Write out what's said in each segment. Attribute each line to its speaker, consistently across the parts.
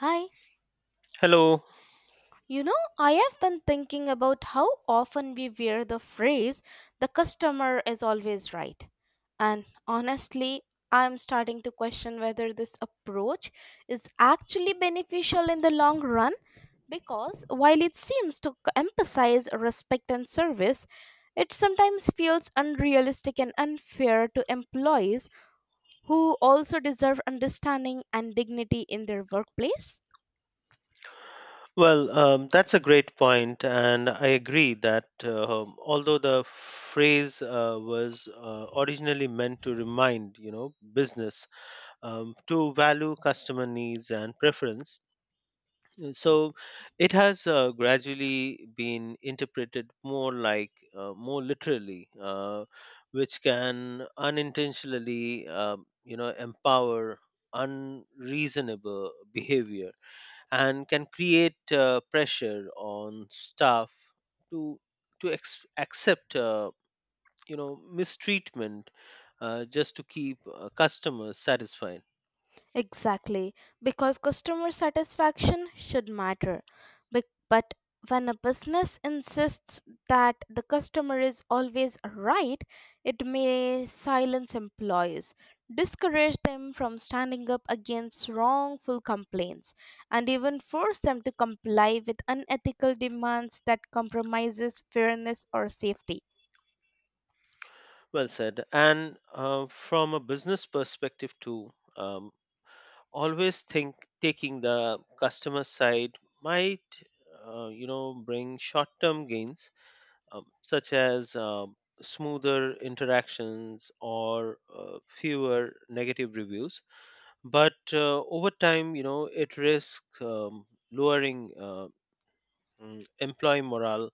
Speaker 1: Hi,
Speaker 2: Hello.
Speaker 1: I have been thinking about how often we wear the phrase, the customer is always right. And honestly, I'm starting to question whether this approach is actually beneficial in the long run because while it seems to emphasize respect and service, it sometimes feels unrealistic and unfair to employees who also deserve understanding and dignity in their workplace.
Speaker 2: Well, that's a great point, and I agree that although the phrase was originally meant to remind, business to value customer needs and preference, so it has gradually been interpreted more like, more literally, which can unintentionally, empower unreasonable behavior and can create pressure on staff to accept mistreatment, just to keep customers satisfied.
Speaker 1: Exactly, because customer satisfaction should matter. But when a business insists that the customer is always right, it may silence employees, discourage them from standing up against wrongful complaints, and even force them to comply with unethical demands that compromises fairness or safety.
Speaker 2: Well said, and from a business perspective too, um, always think taking the customer side might, bring short term gains, such as smoother interactions or fewer negative reviews. But over time, it risks lowering, employee morale,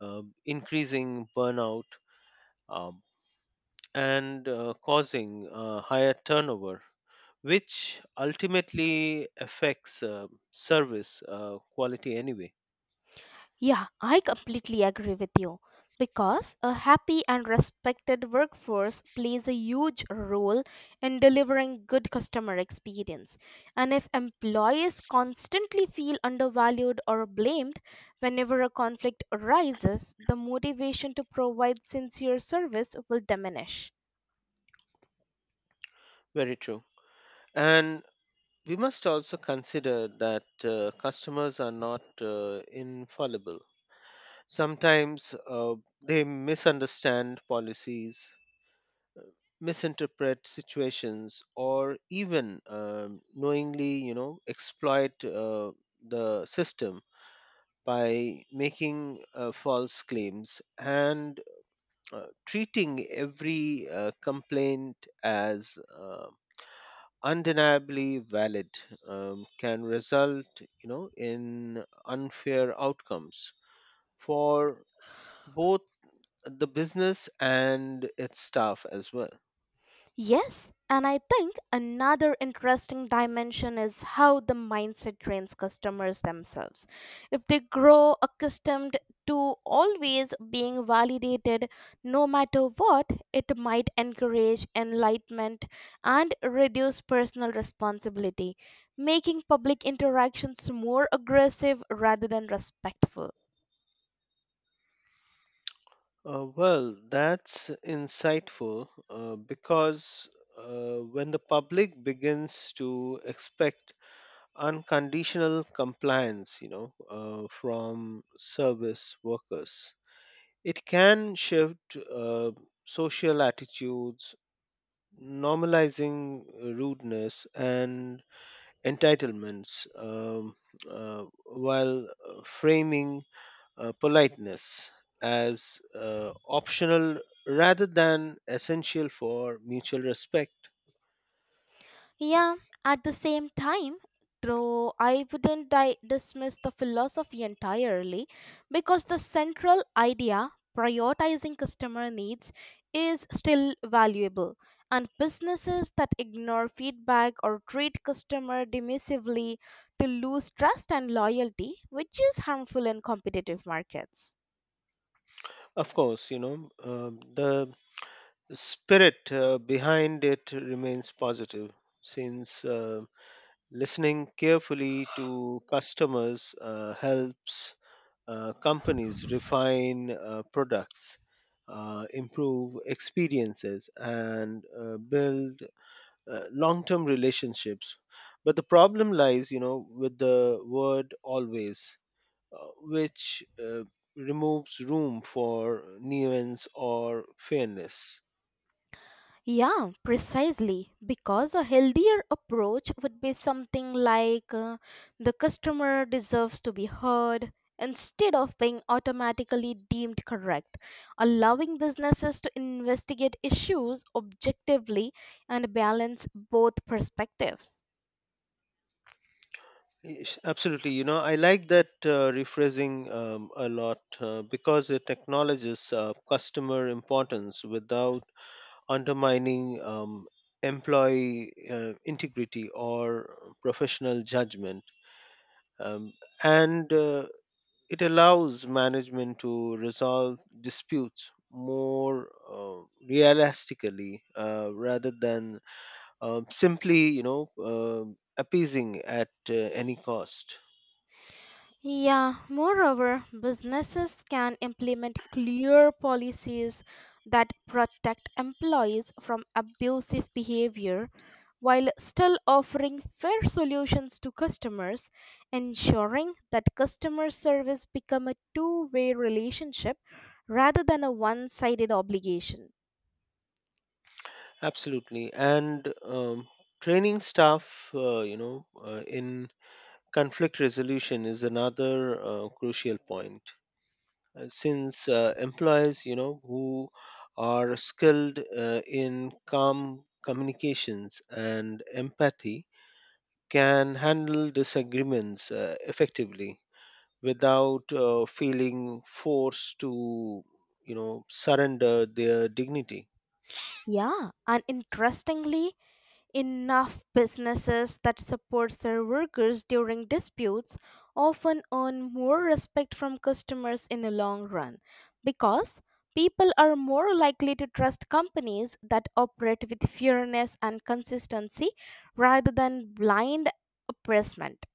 Speaker 2: increasing burnout, um, and causing higher turnover, which ultimately affects service quality anyway.
Speaker 1: Yeah, I completely agree with you because a happy and respected workforce plays a huge role in delivering good customer experience. And if employees constantly feel undervalued or blamed whenever a conflict arises, the motivation to provide sincere service will diminish.
Speaker 2: Very true, and we must also consider that customers are not infallible. Sometimes they misunderstand policies, misinterpret situations, or even, knowingly, exploit the system by making false claims, and treating every complaint as undeniably valid can result, in unfair outcomes for both the business and its staff as well.
Speaker 1: Yes, and I think another interesting dimension is how the mindset trains customers themselves. If they grow accustomed to always being validated no matter what, it might encourage enlightenment and reduce personal responsibility, making public interactions more aggressive rather than respectful.
Speaker 2: Well, that's insightful, because when the public begins to expect unconditional compliance, from service workers, it can shift social attitudes, normalizing rudeness and entitlements, while framing politeness as optional rather than essential for mutual respect.
Speaker 1: Yeah, at the same time, though I wouldn't dismiss the philosophy entirely because the central idea, prioritizing customer needs, is still valuable. And businesses that ignore feedback or treat customer dismissively to lose trust and loyalty, which is harmful in competitive markets.
Speaker 2: Of course, the spirit behind it remains positive, since listening carefully to customers helps companies refine products, improve experiences, and build long-term relationships. But the problem lies, with the word always, which removes room for nuance or fairness.
Speaker 1: Yeah, precisely. Because a healthier approach would be something like the customer deserves to be heard instead of being automatically deemed correct, allowing businesses to investigate issues objectively and balance both perspectives.
Speaker 2: Yes, absolutely. I like that rephrasing a lot, because it acknowledges customer importance without undermining employee integrity or professional judgment. Um, and it allows management to resolve disputes more realistically, rather than simply, appeasing at any cost.
Speaker 1: Yeah, moreover, businesses can implement clear policies that protect employees from abusive behavior while still offering fair solutions to customers, ensuring that customer service become a two-way relationship rather than a one-sided obligation.
Speaker 2: Absolutely. And training staff, in conflict resolution is another crucial point, since employees, who are skilled in calm communications and empathy, can handle disagreements effectively without feeling forced to surrender their dignity.
Speaker 1: Yeah, and interestingly, enough businesses that supports their workers during disputes often earn more respect from customers in the long run because people are more likely to trust companies that operate with fairness and consistency rather than blind oppressment.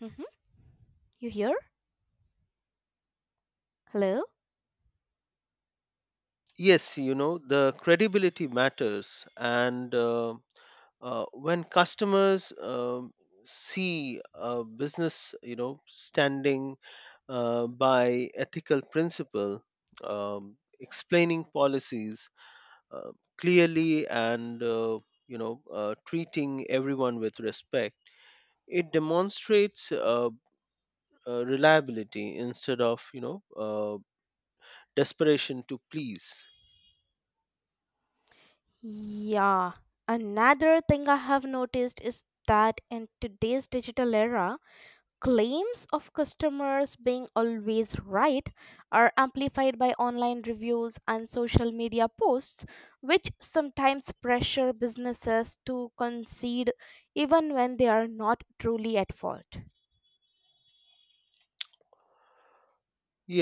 Speaker 1: Mhm. You hear? Hello?
Speaker 2: Yes, the credibility matters, and when customers see a business standing by ethical principle, explaining policies uh, clearly, and treating everyone with respect, it demonstrates reliability instead of desperation to please.
Speaker 1: Yeah. Another thing I have noticed is that in today's digital era, claims of customers being always right are amplified by online reviews and social media posts, which sometimes pressure businesses to concede even when they are not truly at fault.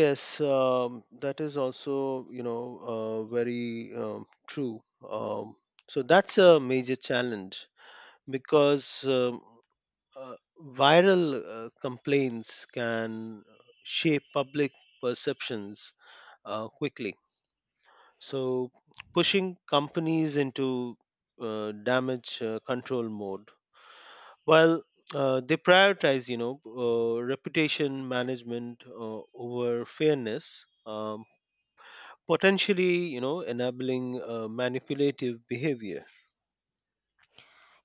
Speaker 2: Yes, that is also, very true. um, so that's a major challenge, because uh, viral complaints can shape public perceptions quickly, So, pushing companies into damage control mode, while they prioritize, reputation management over fairness, potentially, enabling manipulative behavior.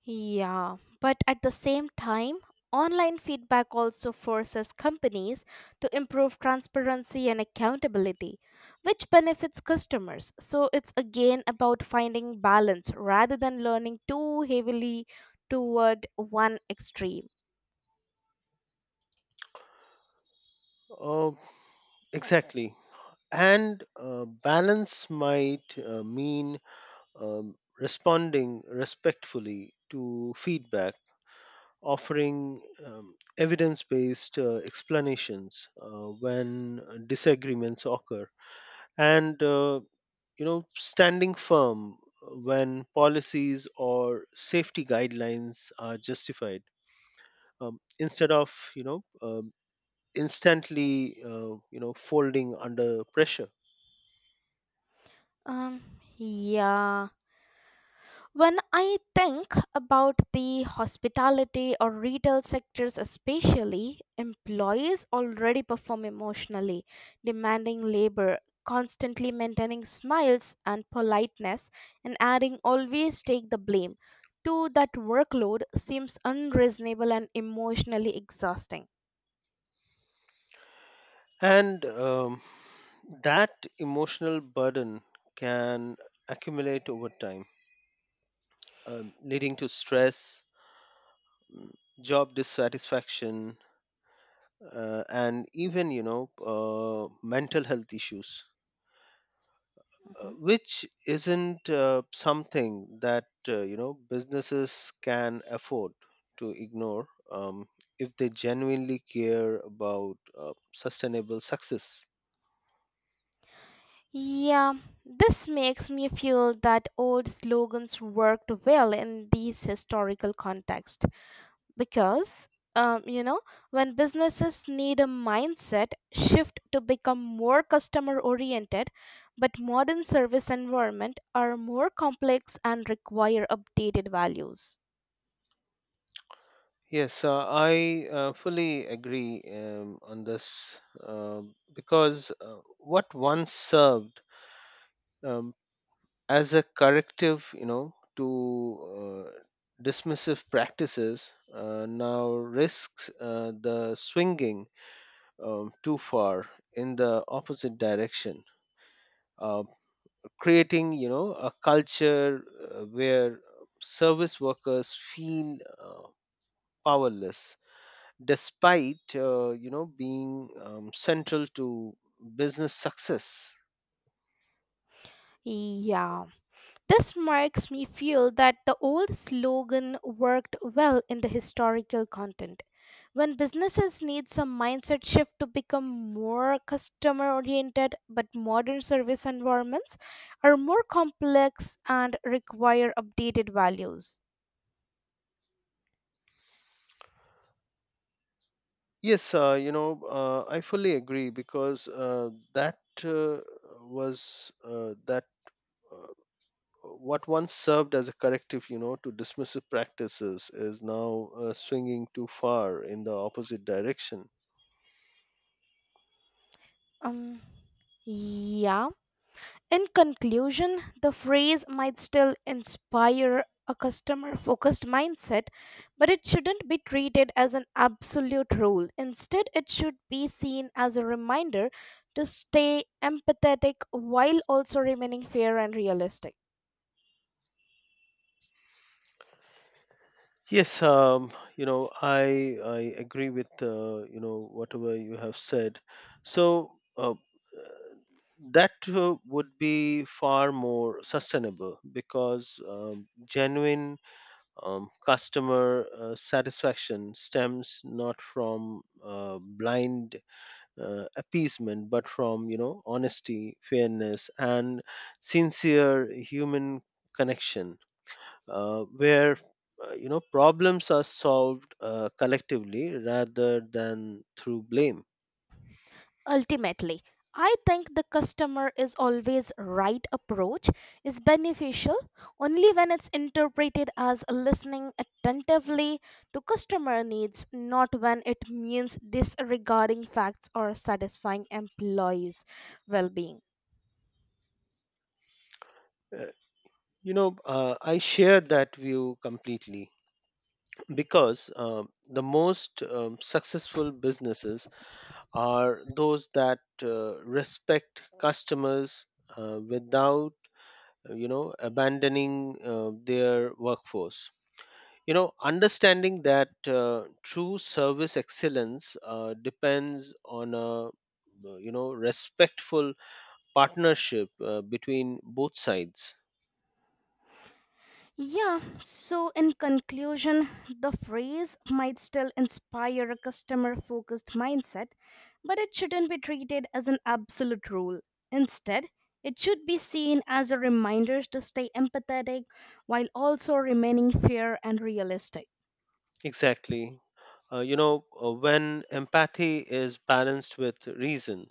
Speaker 1: Yeah, but at the same time, online feedback also forces companies to improve transparency and accountability, which benefits customers. So it's again about finding balance rather than learning too heavily toward one extreme.
Speaker 2: Uh, exactly. And balance might mean, responding respectfully to feedback, offering evidence based explanations when disagreements occur, and standing firm when policies or safety guidelines are justified, instead of instantly folding under pressure.
Speaker 1: Um, yeah. When I think about the hospitality or retail sectors, especially, employees already perform emotionally, demanding labor, constantly maintaining smiles and politeness, and adding always take the blame. To that workload seems unreasonable and emotionally exhausting.
Speaker 2: And that emotional burden can accumulate over time, leading to stress, mm, job dissatisfaction, and even, mental health issues,
Speaker 1: Mhm.
Speaker 2: which isn't something that businesses can afford to ignore, if they genuinely care about sustainable success.
Speaker 1: Yeah, this makes me feel that old slogans worked well in these historical contexts because um, you know when businesses need a mindset shift to become more customer oriented but modern service environment are more complex and require updated values.
Speaker 2: Yes, I fully agree on this, uh, because what once served um, as a corrective, to dismissive practices, now risks the swinging too far in the opposite direction, uh, creating a culture where service workers feel powerless despite being central to business success.
Speaker 1: Yeah, this makes me feel that the old slogan worked well in the historical content. When businesses need some mindset shift to become more customer oriented, but modern service environments are more complex and require updated values.
Speaker 2: Yes, I fully agree, because that was that uh, what once served as a corrective, to dismissive practices is now swinging too far in the opposite direction.
Speaker 1: Um, yeah. In conclusion, the phrase might still inspire a customer focused mindset, but it shouldn't be treated as an absolute rule. Instead, it should be seen as a reminder to stay empathetic while also remaining fair and realistic.
Speaker 2: Yes, I agree with whatever you have said. So uh, that would be far more sustainable, because genuine customer satisfaction stems not from blind appeasement, but from honesty, fairness, and sincere human connection, where problems are solved collectively rather than through blame.
Speaker 1: Ultimately, I think the customer is always right approach is beneficial only when it's interpreted as listening attentively to customer needs, not when it means disregarding facts or satisfying employees' well being.
Speaker 2: Uh, I share that view completely, because the most successful businesses are those that respect customers without abandoning their workforce, understanding that true service excellence depends on a respectful partnership between both sides.
Speaker 1: Yeah, so in conclusion, the phrase might still inspire a customer focused mindset, but it shouldn't be treated as an absolute rule. Instead, it should be seen as a reminder to stay empathetic while also remaining fair and realistic.
Speaker 2: Exactly. When empathy is balanced with reason,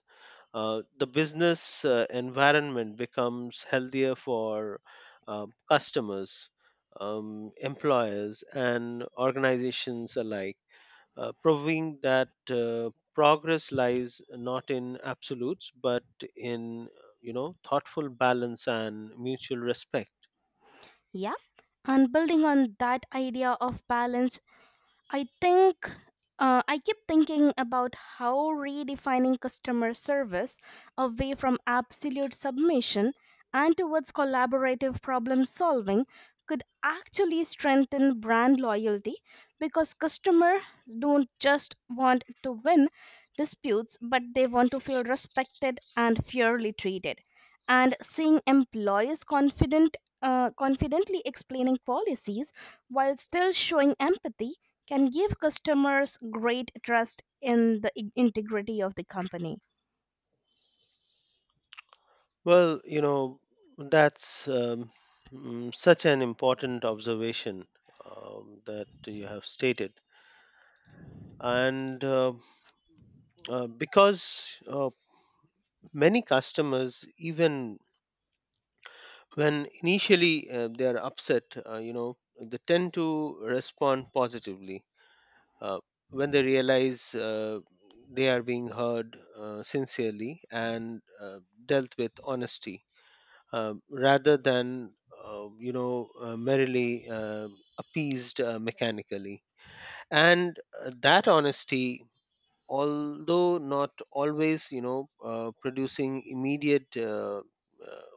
Speaker 2: the business environment becomes healthier for customers, employers, and organizations alike, proving that progress lies not in absolutes but in thoughtful balance and mutual respect.
Speaker 1: Yeah, and building on that idea of balance, I think I keep thinking about how redefining customer service away from absolute submission and towards collaborative problem solving could actually strengthen brand loyalty because customers don't just want to win disputes but they want to feel respected and fairly treated and seeing employees confident confidently explaining policies while still showing empathy can give customers great trust in the integrity of the company.
Speaker 2: Well, that's, such an important observation that you have stated, and because many customers, even when initially they are upset, they tend to respond positively uh, when they realize they are being heard sincerely and dealt with honesty, rather than merely appeased mechanically. And that honesty, although not always producing immediate uh,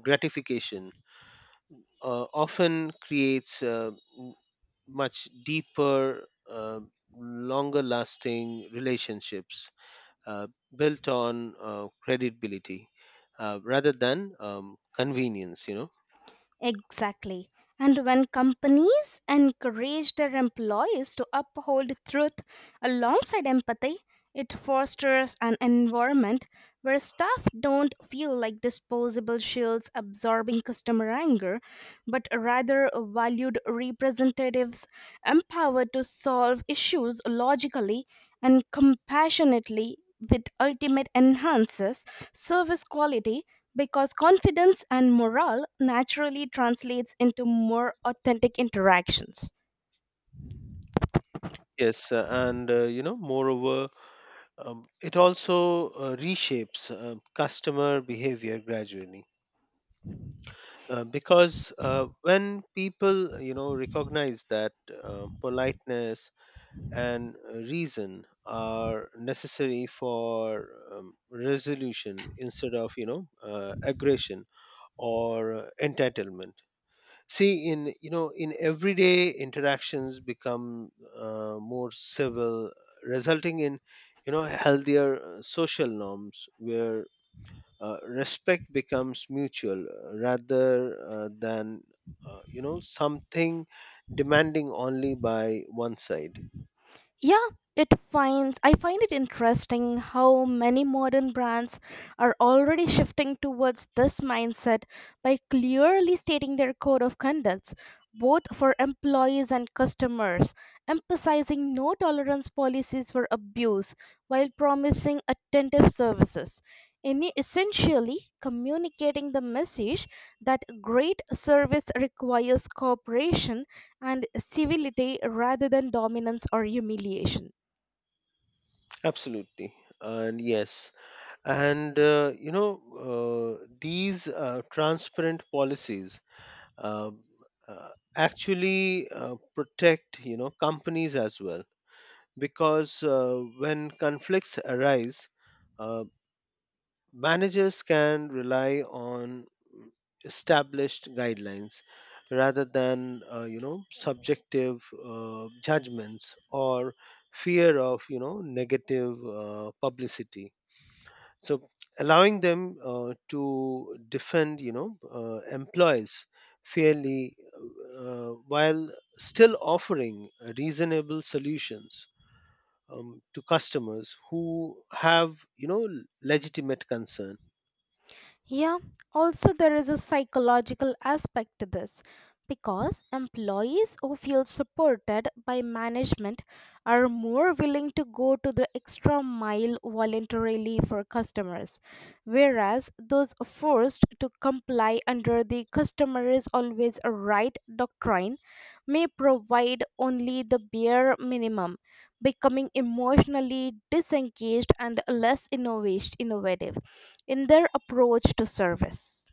Speaker 2: gratification, often creates much deeper, longer lasting relationships, uh, built on credibility rather than convenience.
Speaker 1: Exactly. And when companies encourage their employees to uphold truth alongside empathy, it fosters an environment where staff don't feel like disposable shields absorbing customer anger, but rather valued representatives empowered to solve issues logically and compassionately, with ultimate enhances service quality because confidence and morale naturally translates into more authentic interactions.
Speaker 2: Yes, and moreover, it also reshapes customer behavior gradually. Because when people, recognize that politeness and reason are necessary for resolution instead of aggression or entitlement, see, in in everyday interactions become more civil, resulting in healthier social norms, where respect becomes mutual, rather than something demanding only by one side.
Speaker 1: Yeah, it finds I find it interesting how many modern brands are already shifting towards this mindset by clearly stating their code of conducts both for employees and customers, emphasizing no tolerance policies for abuse while promising attentive services, any essentially communicating the message that great service requires cooperation and civility rather than dominance or humiliation.
Speaker 2: Absolutely. And yes, and these transparent policies uh, uh, actually protect, companies as well. Because when conflicts arise, uh, managers can rely on mm, established guidelines rather than, subjective judgments, or fear of, negative publicity, so allowing them to defend employees fairly, while still offering reasonable solutions to customers who have legitimate concern.
Speaker 1: Yeah, also there is a psychological aspect to this because employees who feel supported by management are more willing to go to the extra mile voluntarily for customers, whereas those forced to comply under the customer is always a right doctrine may provide only the bare minimum, becoming emotionally disengaged and less innovative in their approach to service.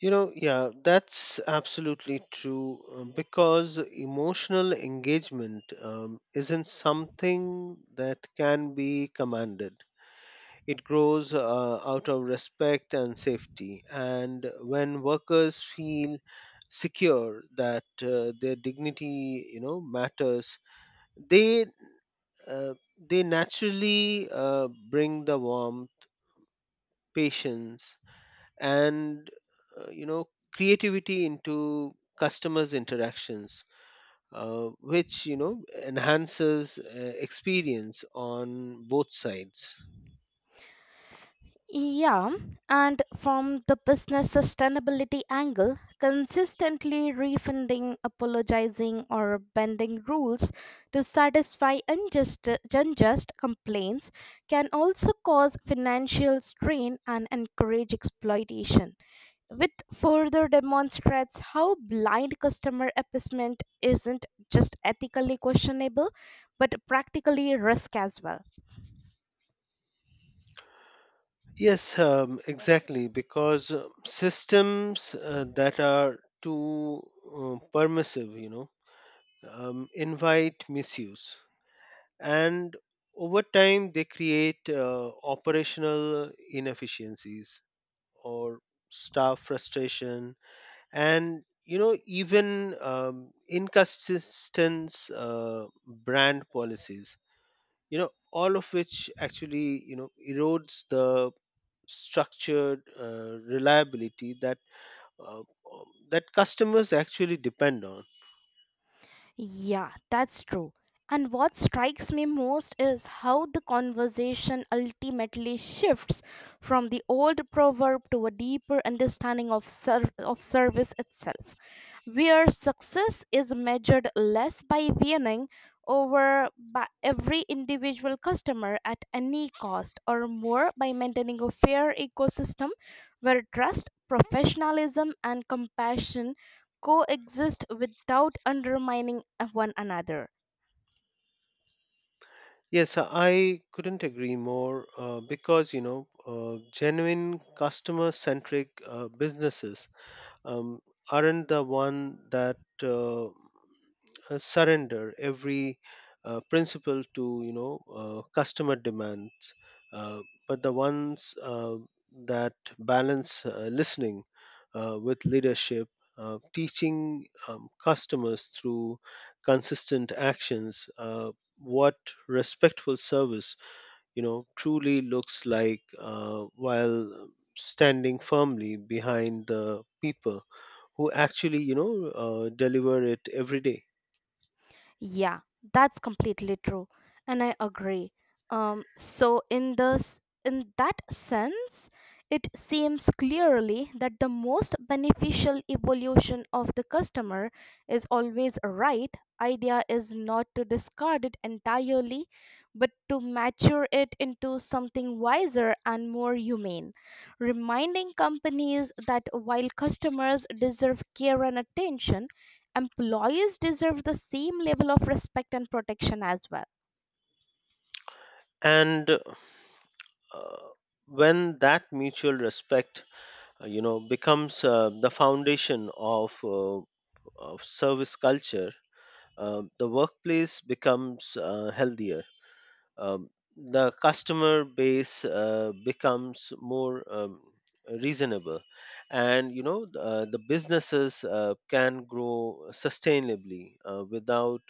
Speaker 2: Yeah, that's absolutely true, because emotional engagement isn't something that can be commanded. It grows out of respect and safety. And when workers feel secure that their dignity, matters, they naturally bring the warmth, patience, and uh, you know, creativity into customers' interactions, which enhances experience on both sides.
Speaker 1: Yeah, and from the business sustainability angle, consistently refunding, apologizing, or bending rules to satisfy unjust complaints can also cause financial strain and encourage exploitation, which further demonstrates how blind customer appeasement isn't just ethically questionable but practically risk as well.
Speaker 2: Yes, exactly, because systems that are too permissive, invite misuse. And over time, they create operational inefficiencies, or staff frustration, and, even inconsistent brand policies, all of which actually, erodes the structured reliability that uh, customers actually depend on.
Speaker 1: Yeah, that's true. And what strikes me most is how the conversation ultimately shifts from the old proverb to a deeper understanding of, of service itself, where success is measured less by winning over by every individual customer at any cost or more by maintaining a fair ecosystem where trust, professionalism, and compassion coexist without undermining one another.
Speaker 2: Yes, I couldn't agree more, because genuine customer centric businesses um, aren't the one that surrender every principle to customer demands, uh, but the ones that balance listening with leadership, teaching customers, through consistent actions, what respectful service truly looks like, while standing firmly behind the people who actually deliver it every day.
Speaker 1: Yeah, that's completely true, and I agree. So in that sense, it seems clearly that the most beneficial evolution of the customer is always right. Idea is not to discard it entirely, but to mature it into something wiser and more humane. Reminding companies that while customers deserve care and attention, employees deserve the same level of respect and protection as well.
Speaker 2: And uh, when that mutual respect becomes the foundation of service culture, the workplace becomes healthier, um, the customer base becomes more reasonable, and the businesses can grow sustainably without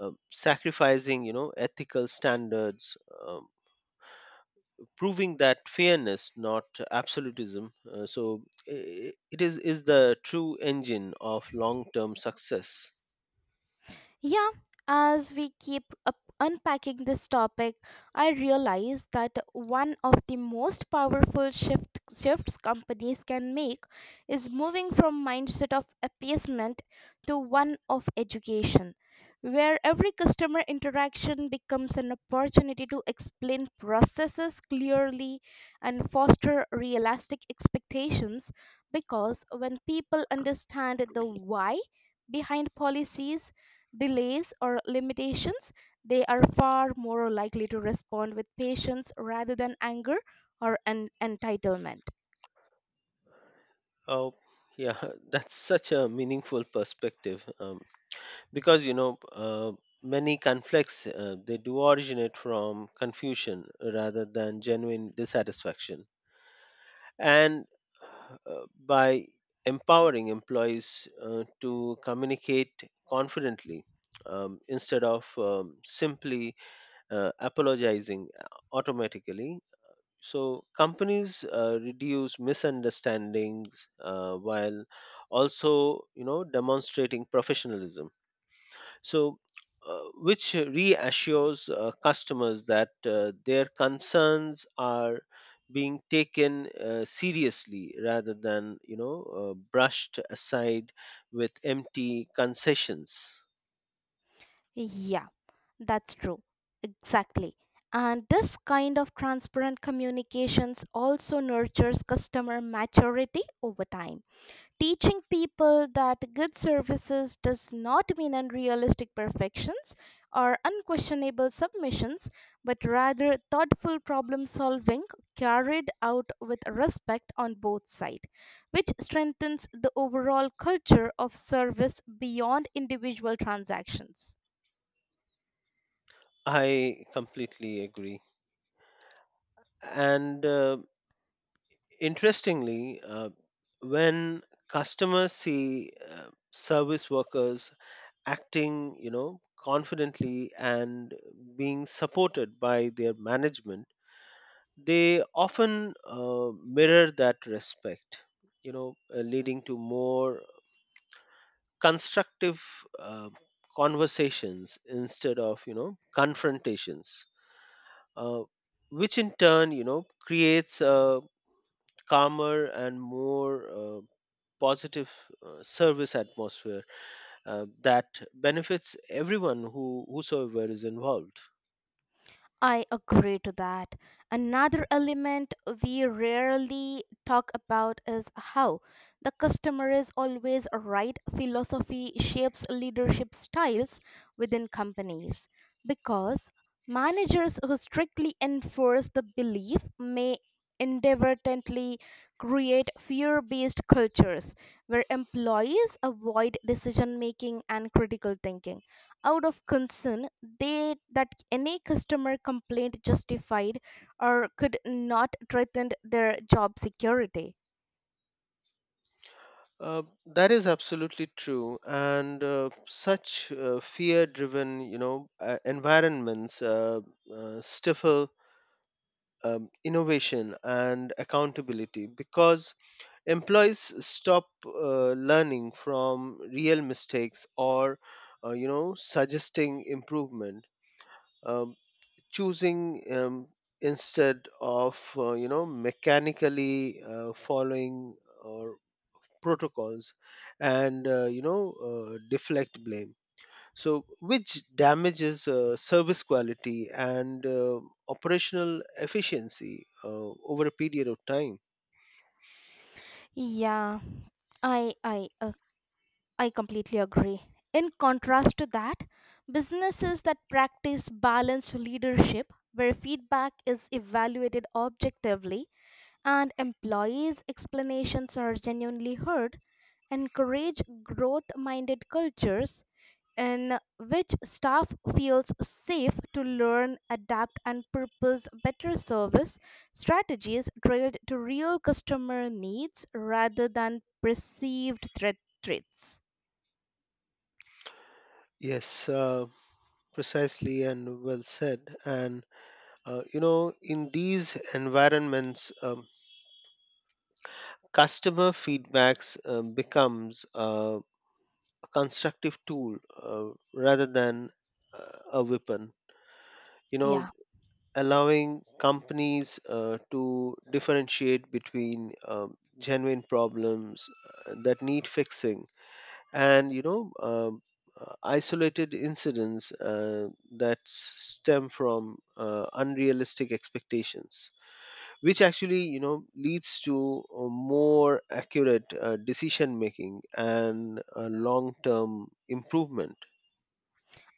Speaker 2: sacrificing ethical standards, um, proving that fairness, not absolutism, so it is the true engine of long term success.
Speaker 1: Yeah, as we keep up unpacking this topic, I realize that one of the most powerful shifts companies can make is moving from mindset of appeasement to one of education, where every customer interaction becomes an opportunity to explain processes clearly and foster realistic expectations because when people understand the why behind policies delays or limitations, they are far more likely to respond with patience rather than anger or an entitlement.
Speaker 2: Oh yeah. That's such a meaningful perspective, because many conflicts, they do originate from confusion rather than genuine dissatisfaction. And by empowering employees to communicate confidently, instead of simply apologizing automatically. So, companies reduce misunderstandings, while also, demonstrating professionalism. So, which reassures customers that their concerns are being taken seriously, rather than brushed aside with empty concessions.
Speaker 1: Yeah, that's true. Exactly. And this kind of transparent communications also nurtures customer maturity over time, teaching people that good services does not mean unrealistic perfections or unquestionable submissions, but rather thoughtful problem solving carried out with respect on both sides, which strengthens the overall culture of service beyond individual transactions.
Speaker 2: I completely agree. And interestingly, when customers see service workers acting, confidently and being supported by their management, they often mirror that respect, leading to more constructive uh, conversations instead of confrontations, uh, which in turn creates a calmer and more positive service atmosphere that benefits everyone who whosoever is involved.
Speaker 1: I agree to that. Another element we rarely talk about is how the customer is always right philosophy shapes leadership styles within companies because managers who strictly enforce the belief may inadvertently create fear-based cultures where employees avoid decision making and critical thinking out of concern they that any customer complaint justified or could not threaten their job security.
Speaker 2: That is absolutely true, and such fear-driven, environments stifle innovation and accountability, because employees stop learning from real mistakes, or, suggesting improvement, um, choosing, instead of, mechanically following. Or protocols, and deflect blame, so which damages service quality and operational efficiency over a period of time.
Speaker 1: Yeah, i i uh, I completely agree. In contrast to that, businesses that practice balanced leadership where feedback is evaluated objectively and employees explanations are genuinely heard encourage growth minded cultures in which staff feels safe to learn, adapt, and purpose better service strategies drilled to real customer needs rather than perceived threats.
Speaker 2: Yes, precisely, and well said. And in these environments, customer feedbacks becomes a constructive tool, uh, rather than a weapon, you know
Speaker 1: Yeah,
Speaker 2: allowing companies to differentiate between genuine problems that need fixing, and isolated incidents that stem from unrealistic expectations, which actually leads to a more accurate decision making and a long term improvement.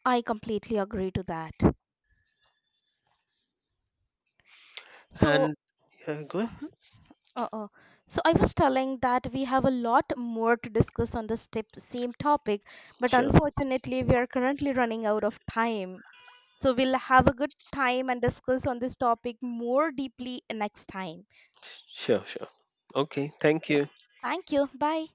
Speaker 1: I completely agree to that. So,
Speaker 2: And go ahead.
Speaker 1: uh-huh, uh-uh. So I was telling that we have a lot more to discuss on this step, same topic, but
Speaker 2: Sure,
Speaker 1: unfortunately, we are currently running out of time. So we'll have a good time and discuss on this topic more deeply next time.
Speaker 2: sure, sure. Okay, thank
Speaker 1: Yep.
Speaker 2: you.
Speaker 1: Thank you. Bye.